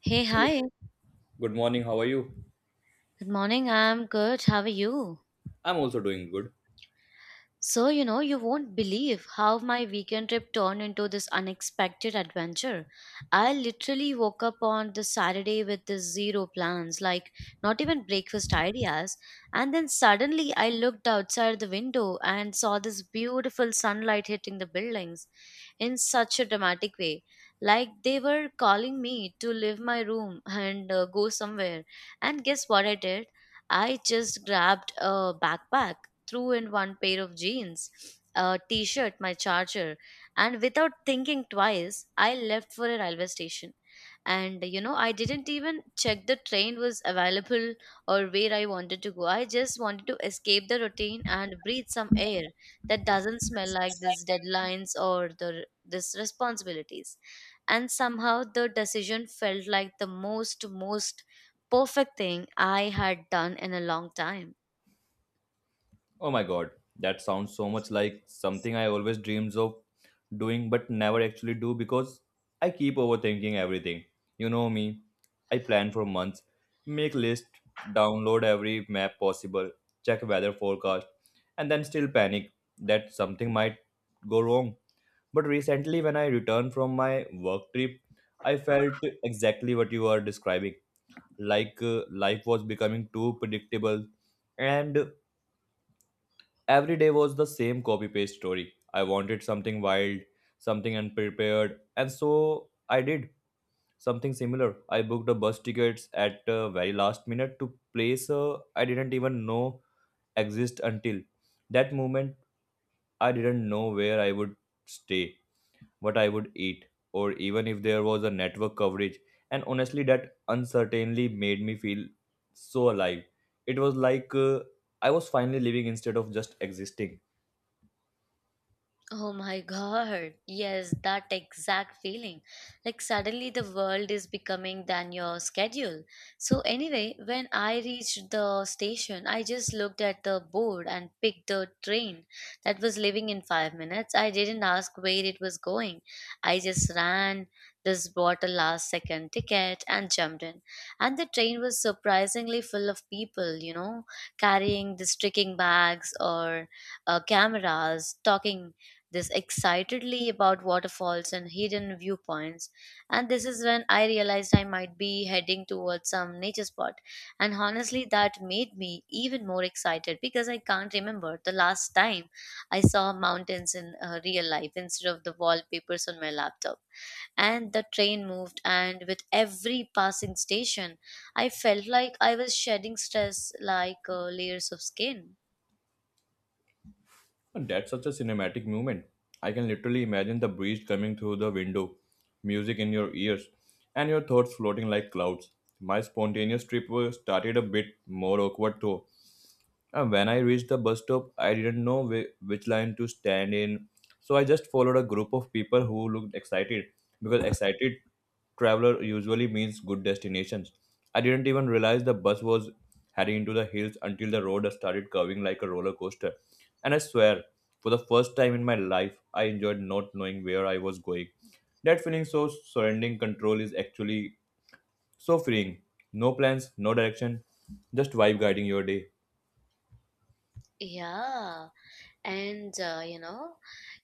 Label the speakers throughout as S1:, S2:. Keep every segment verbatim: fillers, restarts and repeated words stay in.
S1: Hey,
S2: Hey,
S1: hi.
S2: good morning. How are you?
S1: Good morning. I'm good. How are you?
S2: I'm also doing good.
S1: So, you know, you won't believe how my weekend trip turned into this unexpected adventure. I literally woke up on the Saturday with the zero plans, like not even breakfast ideas. And then suddenly I looked outside the window and saw this beautiful sunlight hitting the buildings in such a dramatic way. Like they were calling me to leave my room and uh, go somewhere. And guess what I did? I just grabbed a backpack threw in one pair of jeans, a t shirt, my charger, and without thinking twice, I left for a railway station. And you know, I didn't even check the train was available or where I wanted to go. I just wanted to escape the routine and breathe some air that doesn't smell like these deadlines or the this responsibilities. And somehow the decision felt like the most most perfect thing I had done in a long time.
S2: Oh my god, that sounds so much like something I always dreams of doing but never actually do because I keep overthinking everything. You know me. I plan for months, make list, download every map possible, check weather forecast, and then still panic that something might go wrong. But recently when I returned from my work trip, I felt exactly what you are describing like uh, life was becoming too predictable, and every day was the same copy paste story. I wanted something wild, something unprepared, and so I did something similar. I booked a bus tickets at uh, very last minute to place, uh, I didn't even know exist until that moment. I didn't know where I would stay, what I would eat, or even if there was a network coverage. And honestly, that uncertainly made me feel so alive. It was like uh, I was finally living instead of just existing.
S1: Oh my god. Yes, that exact feeling. Like suddenly the world is becoming than your schedule. So anyway, when I reached the station, I just looked at the board and picked the train that was leaving in five minutes. I didn't ask where it was going. I just ran just bought a last second ticket and jumped in. And the train was surprisingly full of people, you know, carrying the tricking bags or uh, cameras, talking this excitedly about waterfalls and hidden viewpoints. And this is when I realized I might be heading towards some nature spot. And honestly, that made me even more excited because I can't remember the last time I saw mountains in uh, real life instead of the wallpapers on my laptop. And the train moved, and with every passing station, I felt like I was shedding stress like uh, layers of skin.
S2: And that's such a cinematic moment. I can literally imagine the breeze coming through the window, music in your ears, and your thoughts floating like clouds. My spontaneous trip was started a bit more awkward though. Uh, when I reached the bus stop, I didn't know whi- which line to stand in, so I just followed a group of people who looked excited because excited traveler usually means good destinations. I didn't even realize the bus was heading into the hills until the road started curving like a roller coaster. And I swear, for the first time in my life, I enjoyed not knowing where I was going. That feeling so surrendering control is actually so freeing. No plans, no direction, just vibe guiding your day.
S1: Yeah. and uh, you know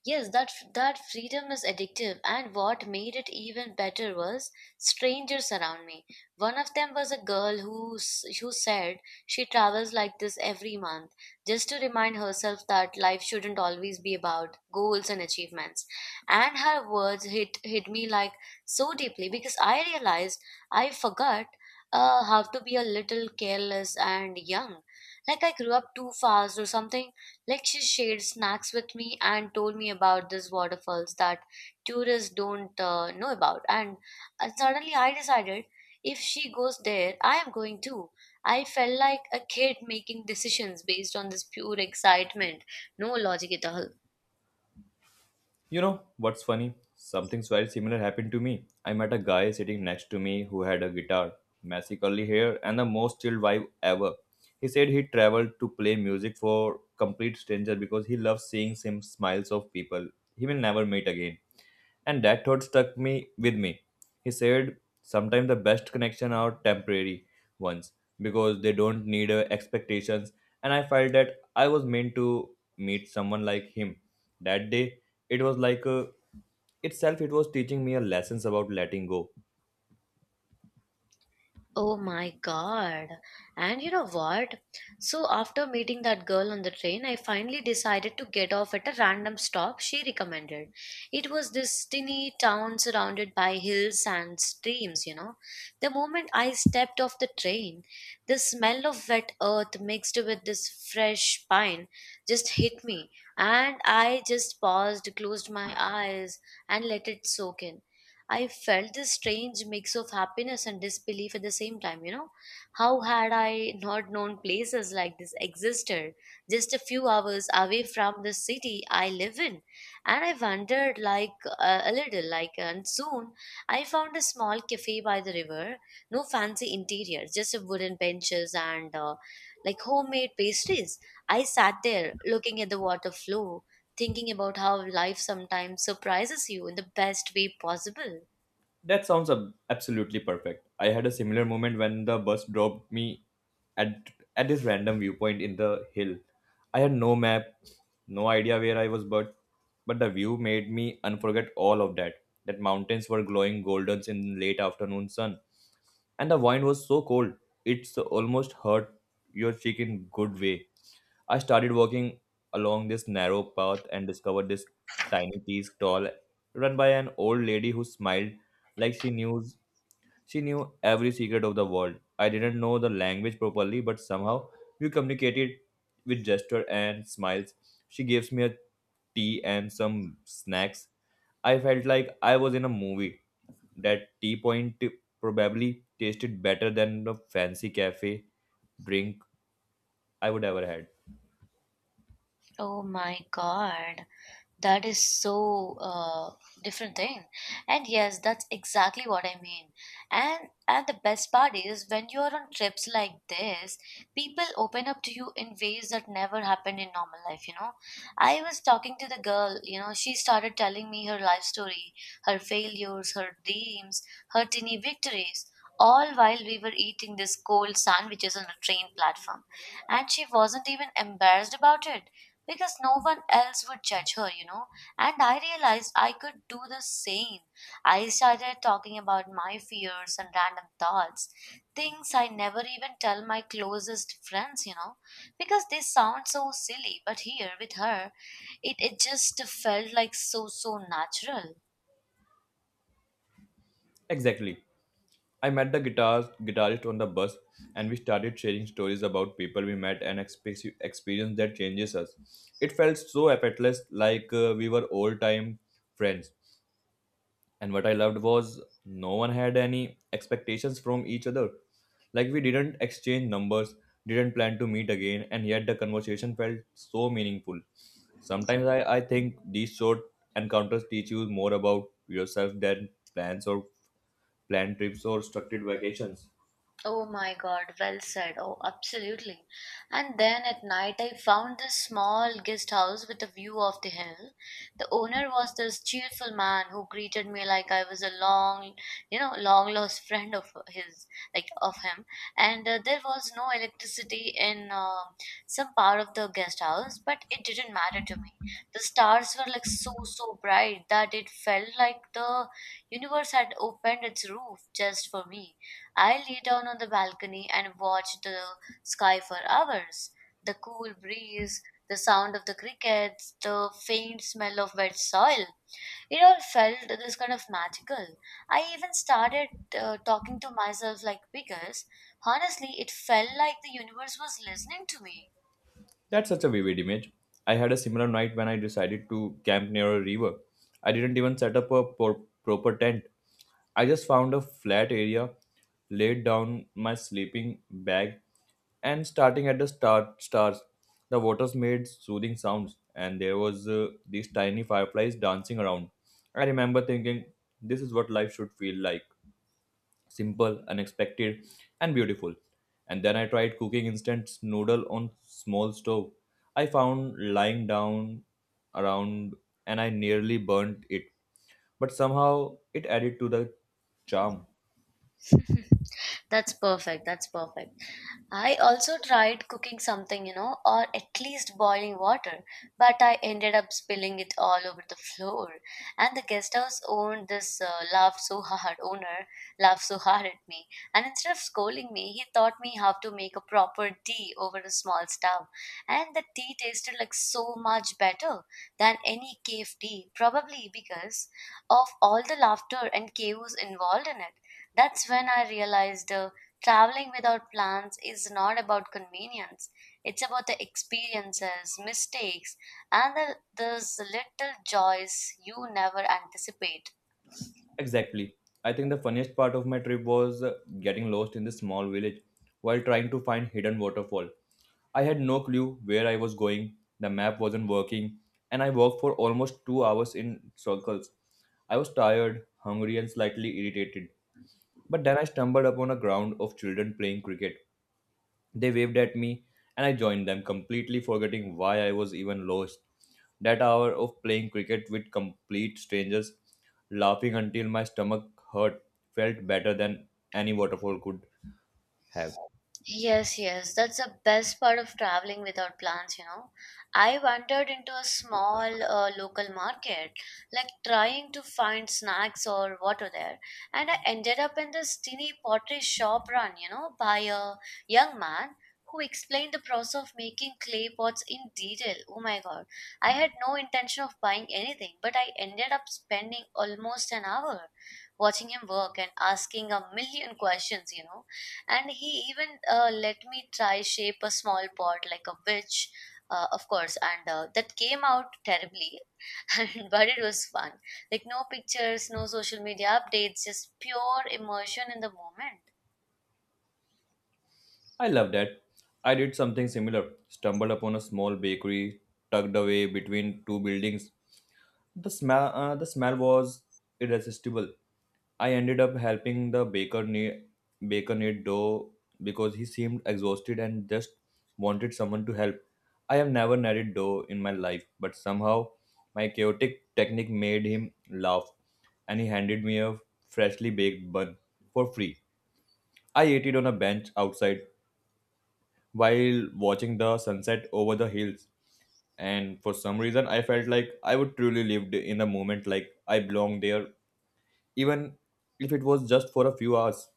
S1: yes that that freedom is addictive, and what made it even better was strangers around me. One of them was a girl who s- who said she travels like this every month just to remind herself that life shouldn't always be about goals and achievements. And her words hit hit me like so deeply, because I realized I forgot uh, how to be a little careless and young, like I grew up too fast or something. Like she shared snacks with me and told me about these waterfalls that tourists don't uh, know about. And uh, suddenly I decided if she goes there, I am going too. I felt like a kid making decisions based on this pure excitement, no logic at all.
S2: You know what's funny? Something very similar happened to me. I met a guy sitting next to me who had a guitar, messy curly hair, and the most chilled vibe ever. He said he traveled to play music for complete stranger because he loves seeing sim smiles of people he will never meet again. And that thought stuck me with me. He said, sometimes the best connection are temporary ones because they don't need uh, expectations. And I felt that I was meant to meet someone like him. That day, it was like uh, itself, it was teaching me a lessons about letting go.
S1: Oh my god. And you know what? So, after meeting that girl on the train, I finally decided to get off at a random stop she recommended. It was this tiny town surrounded by hills and streams, you know. The moment I stepped off the train, the smell of wet earth mixed with this fresh pine just hit me, and I just paused, closed my eyes, and let it soak in. I felt this strange mix of happiness and disbelief at the same time, you know. How had I not known places like this existed just a few hours away from the city I live in? And I wondered like uh, a little like and soon I found a small cafe by the river, no fancy interior, just a wooden benches and uh, like homemade pastries. I sat there looking at the water flow, thinking about how life sometimes surprises you in the best way possible.
S2: That sounds ab- absolutely perfect. I had a similar moment when the bus dropped me at at this random viewpoint in the hill. I had no map, no idea where I was, but but the view made me unforget all of that. That mountains were glowing goldens in late afternoon sun, and the wine was so cold it's almost hurt your cheek in good way. I started walking along this narrow path and discovered this tiny tea stall run by an old lady who smiled like she knew she knew every secret of the world. I didn't know the language properly, but somehow we communicated with gesture and smiles. She gives me a tea and some snacks. I felt like I was in a movie. That tea point probably tasted better than the fancy cafe drink I would ever had.
S1: Oh my God, that is so uh, different thing. And yes, that's exactly what I mean. And and the best part is when you are on trips like this, people open up to you in ways that never happened in normal life, you know. I was talking to the girl, you know, she started telling me her life story, her failures, her dreams, her teeny victories. All while we were eating this cold sandwiches on a train platform. And she wasn't even embarrassed about it because no one else would judge her, you know. And I realized I could do the same. I started talking about my fears and random thoughts, things I never even tell my closest friends, you know, because they sound so silly. But here with her, it, it just felt like so, so natural.
S2: Exactly. I met the guitar guitarist on the bus, and we started sharing stories about people we met and expe- experience that changes us. It felt so effortless, like uh, we were old time friends. And what I loved was no one had any expectations from each other. Like we didn't exchange numbers, didn't plan to meet again, and yet the conversation felt so meaningful. Sometimes I, I think these short encounters teach you more about yourself than plans or planned trips or structured vacations.
S1: Oh my god, well said. Oh, absolutely. And then at night, I found this small guest house with a view of the hill. The owner was this cheerful man who greeted me like I was a long, you know, long lost friend of his, like of him. And uh, there was no electricity in uh, some part of the guest house, but it didn't matter to me. The stars were like so, so bright that it felt like the universe had opened its roof just for me. I lay down on the balcony and watched the sky for hours. The cool breeze, the sound of the crickets, the faint smell of wet soil. It all felt this kind of magical. I even started uh, talking to myself like because honestly, it felt like the universe was listening to me.
S2: That's such a vivid image. I had a similar night when I decided to camp near a river. I didn't even set up a por- proper tent. I just found a flat area, laid down my sleeping bag, and starting at the star- stars, the waters made soothing sounds, and there was uh, these tiny fireflies dancing around. I remember thinking, this is what life should feel like simple, unexpected, and beautiful. And then I tried cooking instant noodle on small stove. I found lying down around and I nearly burnt it, but somehow it added to the charm.
S1: That's perfect. That's perfect. I also tried cooking something, you know, or at least boiling water, but I ended up spilling it all over the floor. And the guest house owned this uh, laughed so hard owner laughed so hard at me, and instead of scolding me, he taught me how to make a proper tea over a small stove, and the tea tasted like so much better than any cave tea, probably because of all the laughter and chaos involved in it. That's when I realized uh, traveling without plans is not about convenience. It's about the experiences, mistakes, and the, those little joys you never anticipate.
S2: Exactly. I think the funniest part of my trip was uh, getting lost in this small village while trying to find hidden waterfall. I had no clue where I was going, the map wasn't working, and I walked for almost two hours in circles. I was tired, hungry, and slightly irritated. But then I stumbled upon a ground of children playing cricket. They waved at me, and I joined them, completely forgetting why I was even lost. That hour of playing cricket with complete strangers, laughing until my stomach hurt, felt better than any waterfall could have.
S1: Yes, yes, that's the best part of traveling without plans, you know. I wandered into a small uh, local market, like trying to find snacks or water there, and I ended up in this tiny pottery shop run, you know, by a young man who explained the process of making clay pots in detail. Oh my god, I had no intention of buying anything, but I ended up spending almost an hour watching him work and asking a million questions, you know, and he even uh, let me try shape a small pot like a witch uh, of course, and uh, that came out terribly and- but it was fun, like no pictures, no social media updates, just pure immersion in the moment.
S2: I love that. I did something similar. Stumbled upon a small bakery tucked away between two buildings. The smell, uh, the smell was irresistible. I ended up helping the baker knead, baker knead dough because he seemed exhausted and just wanted someone to help. I have never kneaded dough in my life, but somehow my chaotic technique made him laugh, and he handed me a freshly baked bun for free. I ate it on a bench outside while watching the sunset over the hills. And for some reason, I felt like I would truly lived in the moment, like I belonged there, even if it was just for a few hours.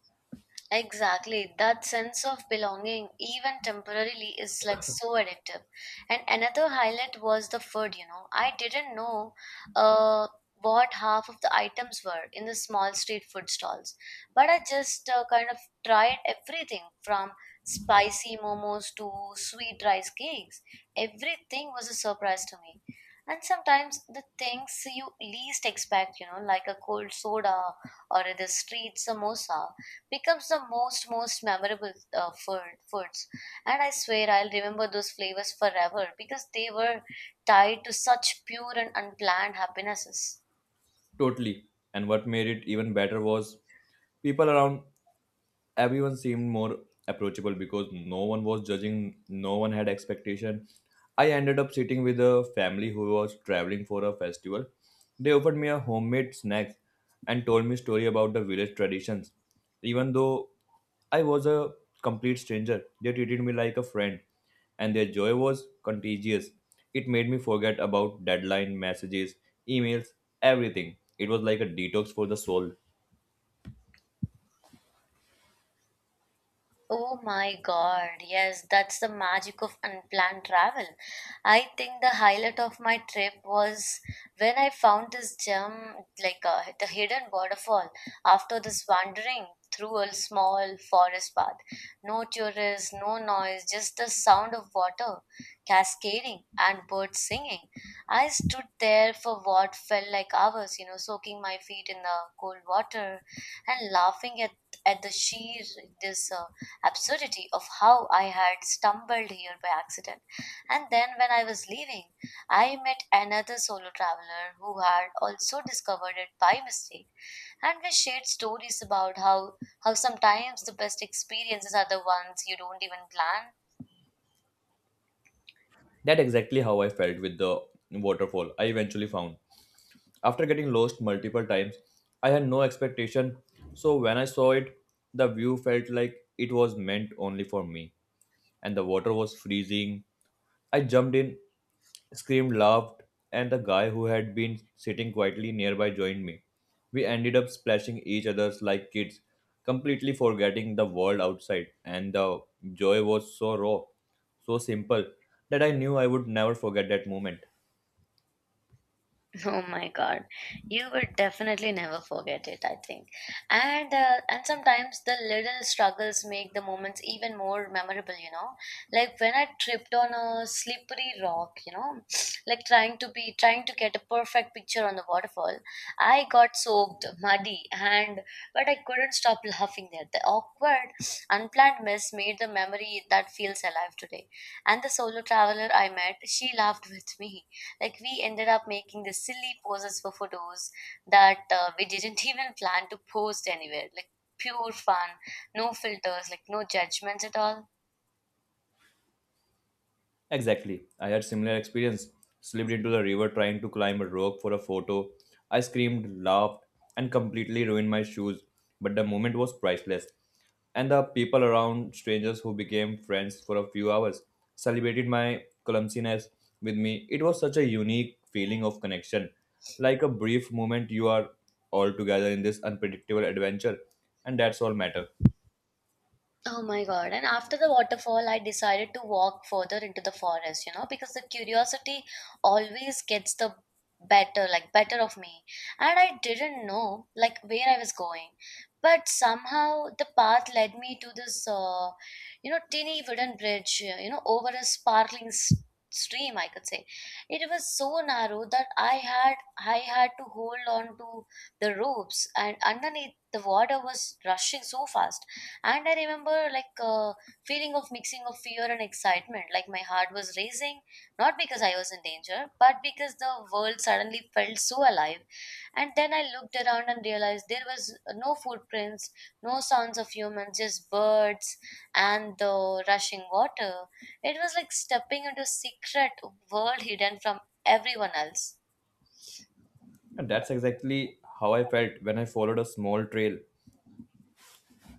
S1: Exactly. That sense of belonging, even temporarily, is like so addictive. And another highlight was the food, you know. I didn't know uh, what half of the items were in the small street food stalls. But I just uh, kind of tried everything from spicy momos to sweet rice cakes. Everything was a surprise to me. And sometimes the things you least expect, you know, like a cold soda or the street samosa becomes the most most memorable uh, food, foods. And I swear I'll remember those flavors forever because they were tied to such pure and unplanned happinesses.
S2: Totally. And what made it even better was people around everyone seemed more approachable because no one was judging, no one had expectation. I ended up sitting with a family who was traveling for a festival. They offered me a homemade snack and told me story about the village traditions. Even though I was a complete stranger, they treated me like a friend, and their joy was contagious. It made me forget about deadline messages, emails, everything. It was like a detox for the soul.
S1: Oh my God, yes, that's the magic of unplanned travel. I think the highlight of my trip was when I found this gem, like uh, the hidden waterfall, after this wandering through a small forest path. No tourists, no noise, just the sound of water cascading and birds singing. I stood there for what felt like hours, you know, soaking my feet in the cold water and laughing at, at the sheer, this. Uh, absurdity of how I had stumbled here by accident. And then, when I was leaving, I met another solo traveler who had also discovered it by mistake, and we shared stories about how, how sometimes the best experiences are the ones you don't even plan.
S2: That exactly how I felt with the waterfall I eventually found. After getting lost multiple times, I had no expectation, so when I saw it, the view felt like it was meant only for me. And the water was freezing. I jumped in, screamed, laughed, and the guy who had been sitting quietly nearby joined me. We ended up splashing each other's like kids, completely forgetting the world outside. And the joy was so raw, so simple, that I knew I would never forget that moment.
S1: Oh my God, you will definitely never forget it, I think. And uh, and sometimes the little struggles make the moments even more memorable, you know. Like when I tripped on a slippery rock, you know, like trying to be trying to get a perfect picture on the waterfall. I got soaked, muddy, and but I couldn't stop laughing there. The awkward, unplanned mess made the memory that feels alive today. And the solo traveler I met, she laughed with me, like we ended up making the silly poses for photos that uh, we didn't even plan to post anywhere. Like pure fun, no filters, like no judgments at all.
S2: Exactly. I had similar experience. Slipped into the river trying to climb a rope for a photo. I screamed, laughed, and completely ruined my shoes. But the moment was priceless. And the people around, strangers who became friends for a few hours, celebrated my clumsiness with me. It was such a unique feeling of connection. Like a brief moment you are all together in this unpredictable adventure. And that's all matter.
S1: Oh my God. And after the waterfall, I decided to walk further into the forest, you know, because the curiosity always gets the better, like better of me. And I didn't know like where I was going. But somehow the path led me to this, uh, you know, teeny wooden bridge, uh, you know, over a sparkling s- stream, I could say. It was so narrow that I had I had to hold on to the ropes, and underneath the water was rushing so fast. And I remember like a feeling of mixing of fear and excitement. Like my heart was racing, not because I was in danger, but because the world suddenly felt so alive. And then I looked around and realized there was no footprints, no sounds of humans, just birds and the rushing water. It was like stepping into a secret world hidden from everyone else.
S2: And that's exactly how I felt when I followed a small trail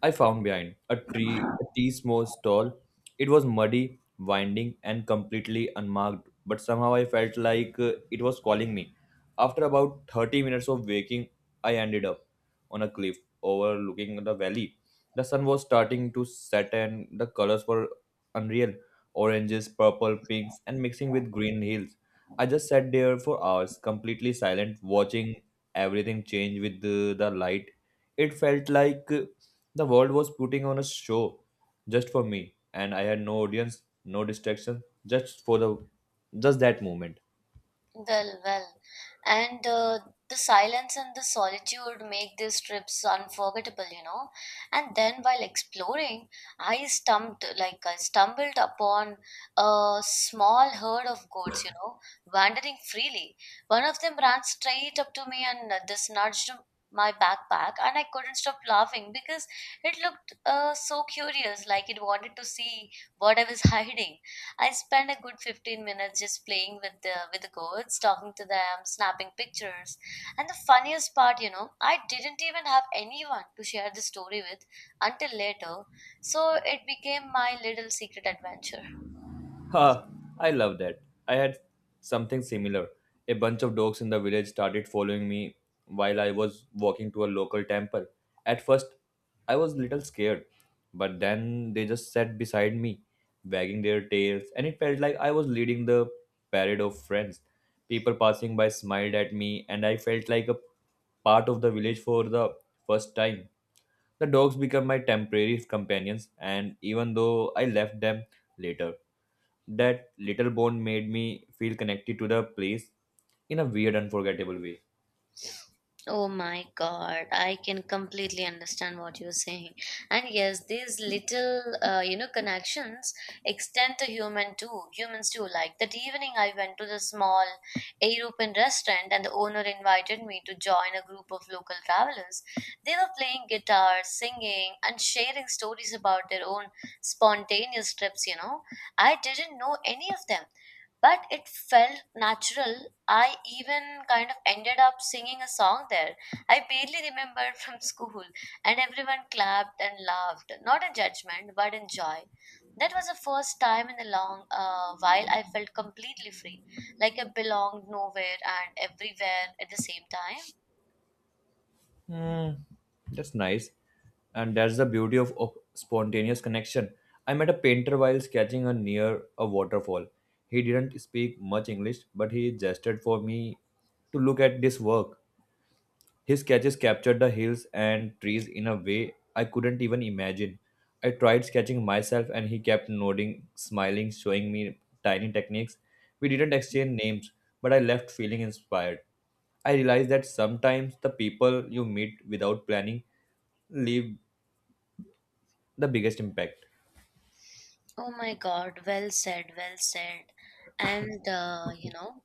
S2: I found behind a tree, a tea most tall. It was muddy, winding, and completely unmarked, but somehow I felt like uh, it was calling me. After about thirty minutes of waking, I ended up on a cliff overlooking the valley. The sun was starting to set, and the colors were unreal oranges, purple, pinks, and mixing with green hills. I just sat there for hours, completely silent, watching everything change with the, the light. It felt like uh, the world was putting on a show just for me, and I had no audience, no distraction, just for the just that moment.
S1: Well, well. And uh, The silence and the solitude make these trips unforgettable, you know. And then while exploring, I stumped like I stumbled upon a small herd of goats, you know, wandering freely. One of them ran straight up to me and uh, this nudged my backpack, and I couldn't stop laughing because it looked uh, so curious, like it wanted to see what I was hiding. I spent a good fifteen minutes just playing with the with the goats, talking to them, snapping pictures. And the funniest part, you know, I didn't even have anyone to share the story with until later. So it became my little secret adventure.
S2: Ha, I love that. I had something similar. A bunch of dogs in the village started following me while I was walking to a local temple. At first, I was little scared, but then they just sat beside me, wagging their tails, and it felt like I was leading the parade of friends. People passing by smiled at me, and I felt like a part of the village for the first time. The dogs became my temporary companions, and even though I left them later, that little bond made me feel connected to the place in a weird, unforgettable way.
S1: Oh my God, I can completely understand what you're saying. And yes, these little, uh, you know, connections extend to human too. Humans too. Like that evening, I went to the small European restaurant, and the owner invited me to join a group of local travelers. They were playing guitar, singing, and sharing stories about their own spontaneous trips. You know, I didn't know any of them, but it felt natural. I even kind of ended up singing a song there I barely remembered from school, and everyone clapped and laughed. Not in judgment, but in joy. That was the first time in a long uh, while I felt completely free, like I belonged nowhere and everywhere at the same time.
S2: Hmm, that's nice. And that's the beauty of, of spontaneous connection. I met a painter while sketching a near a waterfall. He didn't speak much English, but he gestured for me to look at this work. His sketches captured the hills and trees in a way I couldn't even imagine. I tried sketching myself and he kept nodding, smiling, showing me tiny techniques. We didn't exchange names, but I left feeling inspired. I realized that sometimes the people you meet without planning leave the biggest impact.
S1: Oh my god, well said, well said. And, uh, you know,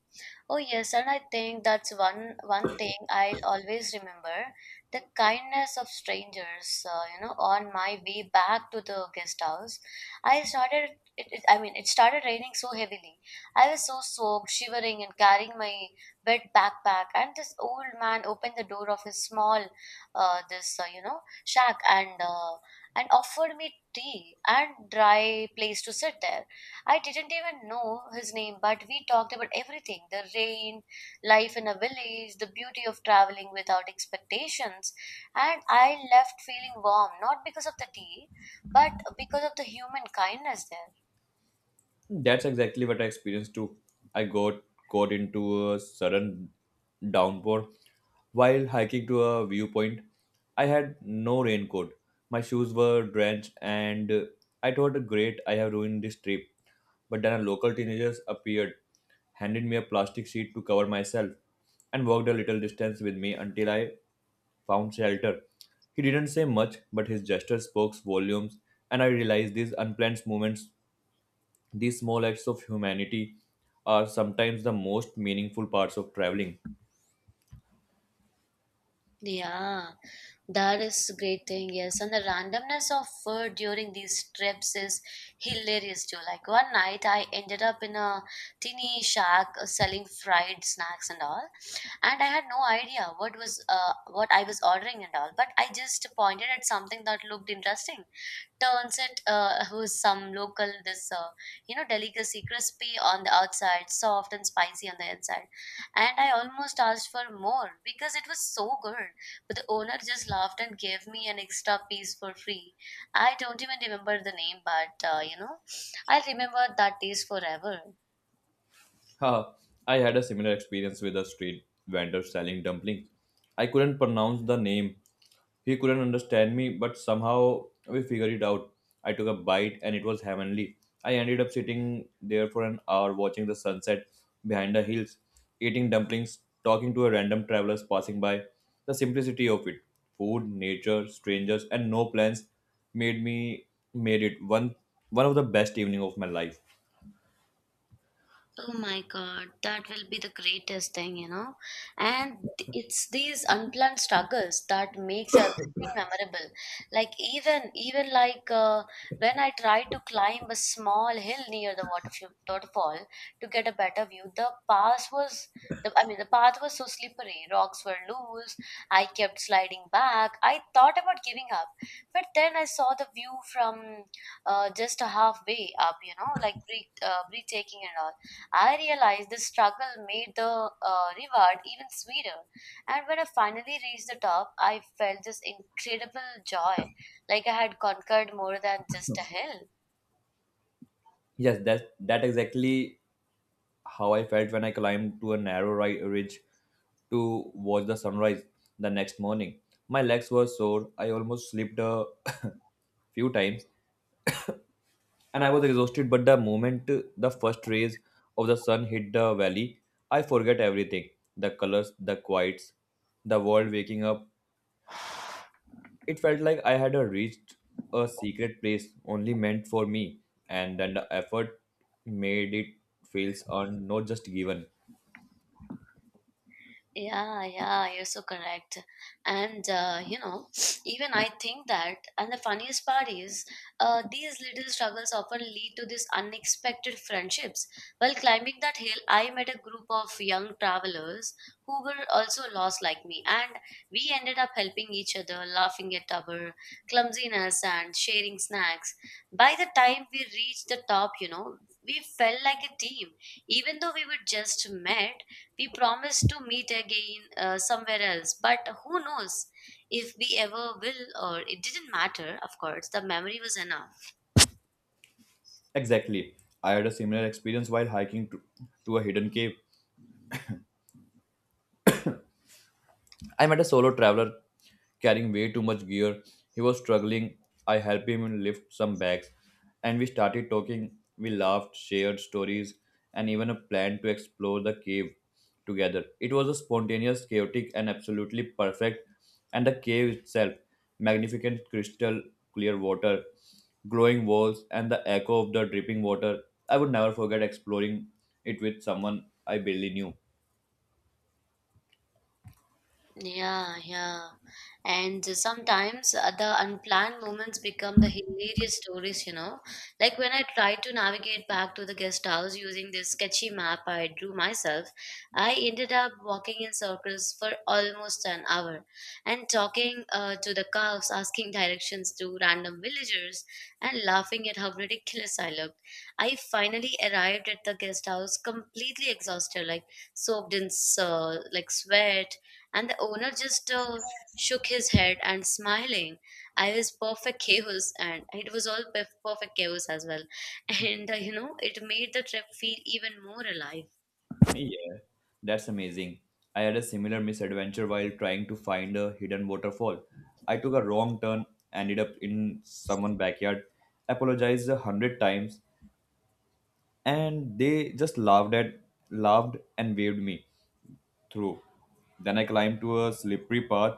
S1: oh yes, and I think that's one one thing I'll always remember, the kindness of strangers. Uh, you know, on my way back to the guest house, I started. It, it, I mean, it started raining so heavily. I was so soaked, shivering, and carrying my wet backpack. And this old man opened the door of his small, uh, this uh, you know, shack, and uh, and offered me tea and dry place to sit there. I didn't even know his name, but we talked about everything: the rain, life in a village, the beauty of traveling without expectations. And I left feeling warm, not because of the tea, but because of the human kindness there.
S2: That's exactly what I experienced too. I got caught into a sudden downpour while hiking to a viewpoint. I had no raincoat. My shoes were drenched, and uh, I thought, great, I have ruined this trip. But then a local teenager appeared, handed me a plastic sheet to cover myself, and walked a little distance with me until I found shelter. He didn't say much, but his gesture spoke volumes, and I realized these unplanned moments, these small acts of humanity are sometimes the most meaningful parts of traveling.
S1: Yeah. That is great thing, yes. And the randomness of food during these trips is hilarious too. Like one night I ended up in a teeny shack uh, selling fried snacks and all. And I had no idea what was uh, what I was ordering and all. But I just pointed at something that looked interesting. Turns it uh, who's some local this uh, you know, delicacy, crispy on the outside, soft and spicy on the inside. And I almost asked for more because it was so good, but the owner just laughed and gave me an extra piece for free. I don't even remember the name, but uh, you know, I remember that taste forever.
S2: Ha, I had a similar experience with a street vendor selling dumplings. I couldn't pronounce the name. He couldn't understand me, but somehow we figured it out. I took a bite and it was heavenly. I ended up sitting there for an hour watching the sunset behind the hills, eating dumplings, talking to a random travelers passing by. The simplicity of it, food, nature, strangers, and no plans made me made it one one of the best evening of my life.
S1: Oh my God, that will be the greatest thing, you know. And th- it's these unplanned struggles that makes everything memorable. Like even even like uh, when I tried to climb a small hill near the waterf- waterfall to get a better view, the path was the I mean the path was so slippery, rocks were loose. I kept sliding back. I thought about giving up, but then I saw the view from uh, just halfway up, you know, like breath- uh, breathtaking and all. I realized the struggle made the uh, reward even sweeter. And when I finally reached the top, I felt this incredible joy, like I had conquered more than just a hill.
S2: Yes, that that exactly how I felt when I climbed to a narrow ri- ridge to watch the sunrise the next morning. My legs were sore. I almost slipped a few times and I was exhausted. But the moment the first rays of the sun hit the valley, I forget everything, the colors, the quiets, the world waking up. It felt like I had uh, reached a secret place only meant for me, and then the effort made it feels earned, not just given.
S1: Yeah, yeah, you're so correct. And uh, you know, even I think that, and the funniest part is, uh, these little struggles often lead to these unexpected friendships. While climbing that hill, I met a group of young travelers who were also lost like me, and we ended up helping each other, laughing at our clumsiness and sharing snacks. By the time we reached the top, you know, we felt like a team. Even though we were just met, we promised to meet again uh, somewhere else. But who knows if we ever will, or it didn't matter, of course. The memory was enough.
S2: Exactly. I had a similar experience while hiking to, to a hidden cave. I met a solo traveler carrying way too much gear. He was struggling. I helped him lift some bags and we started talking. We laughed, shared stories, and even a plan to explore the cave together. It was a spontaneous, chaotic, and absolutely perfect. And the cave itself, magnificent crystal clear water, glowing walls, and the echo of the dripping water. I would never forget exploring it with someone I barely knew.
S1: Yeah, yeah. And sometimes uh, the unplanned moments become the hilarious stories, you know. Like when I tried to navigate back to the guest house using this sketchy map I drew myself, I ended up walking in circles for almost an hour and talking uh, to the cows, asking directions to random villagers, and laughing at how ridiculous I looked. I finally arrived at the guest house completely exhausted, like soaked in uh, like sweat, and the owner just uh, shook his head and smiling. I was perfect chaos, and it was all perf- perfect chaos as well. And uh, you know, it made the trip feel even more alive.
S2: Yeah, that's amazing. I had a similar misadventure while trying to find a hidden waterfall. I took a wrong turn, ended up in someone's backyard, apologized a hundred times, and they just laughed at laughed and waved me through. Then I climbed to a slippery path,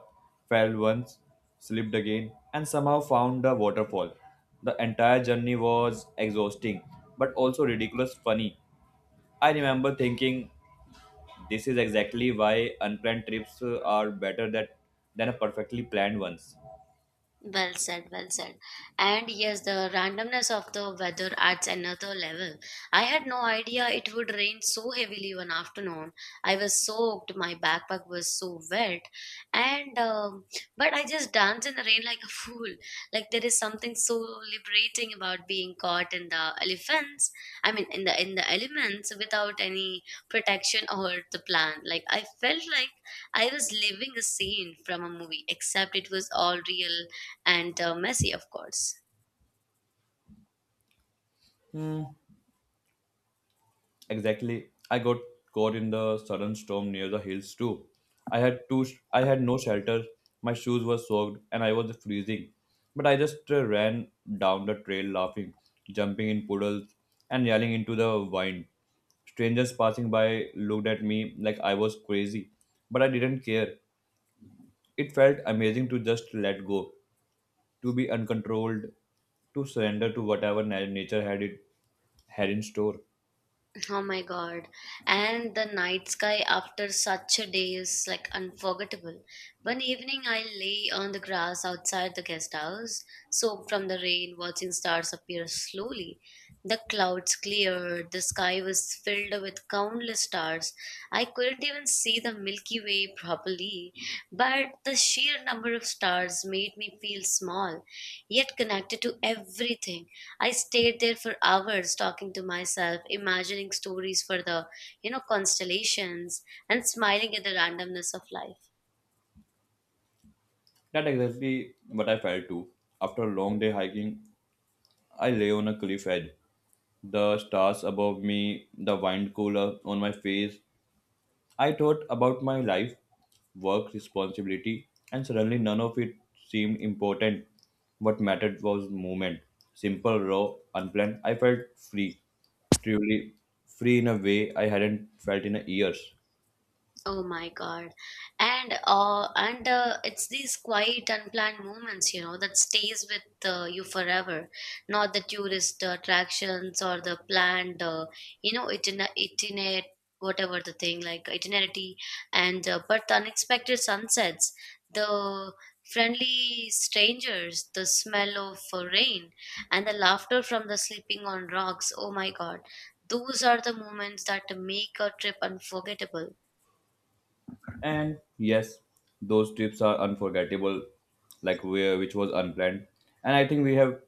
S2: fell once, slipped again, and somehow found a waterfall. The entire journey was exhausting, but also ridiculous funny. I remember thinking this is exactly why unplanned trips uh, are better that, than a perfectly planned ones.
S1: Well said, well said. And yes, the randomness of the weather adds another level. I had no idea it would rain so heavily one afternoon. I was soaked, my backpack was so wet, and um, but I just danced in the rain like a fool. Like there is something so liberating about being caught in the elephants. I mean, in the in the elements without any protection or the plan. Like I felt like I was living a scene from a movie, except it was all real and uh, messy, of course.
S2: Hmm, exactly. I got caught in the sudden storm near the hills too. I had two. sh- I had no shelter. My shoes were soaked, and I was freezing. But I just uh, ran down the trail, laughing, jumping in puddles, and yelling into the wind. Strangers passing by looked at me like I was crazy, but I didn't care. It felt amazing to just let go, to be uncontrolled, to surrender to whatever na- nature had it had in store.
S1: Oh my god. And the night sky after such a day is like unforgettable. One evening, I lay on the grass outside the guest house, soaked from the rain, watching stars appear slowly. The clouds cleared, the sky was filled with countless stars. I couldn't even see the Milky Way properly, but the sheer number of stars made me feel small, yet connected to everything. I stayed there for hours talking to myself, imagining stories for the, you know, constellations, and smiling at the randomness of life.
S2: That exactly what I felt too. After a long day hiking, I lay on a cliff edge, the stars above me, the wind cooler on my face. I thought about my life, work, responsibility, and suddenly none of it seemed important. What mattered was movement. Simple, raw, unplanned. I felt free, truly free in a way I hadn't felt in years.
S1: Oh my God. And uh, and uh, It's these quiet, unplanned moments, you know, that stays with uh, you forever. Not the tourist attractions or the planned, uh, you know, itiner- itinerary, whatever the thing, like itinerary, and uh, but the unexpected sunsets, the friendly strangers, the smell of uh, rain, and the laughter from the sleeping on rocks. Oh my God. Those are the moments that make a trip unforgettable.
S2: And yes, those trips are unforgettable, like where which was unplanned. And I think we have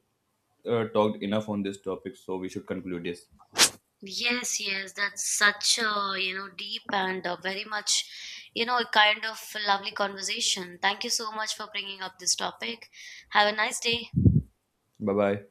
S2: uh, talked enough on this topic, so we should conclude this.
S1: Yes, yes, that's such a, you know, deep and uh, very much, you know, a kind of lovely conversation. Thank you so much for bringing up this topic. Have a nice day.
S2: Bye bye.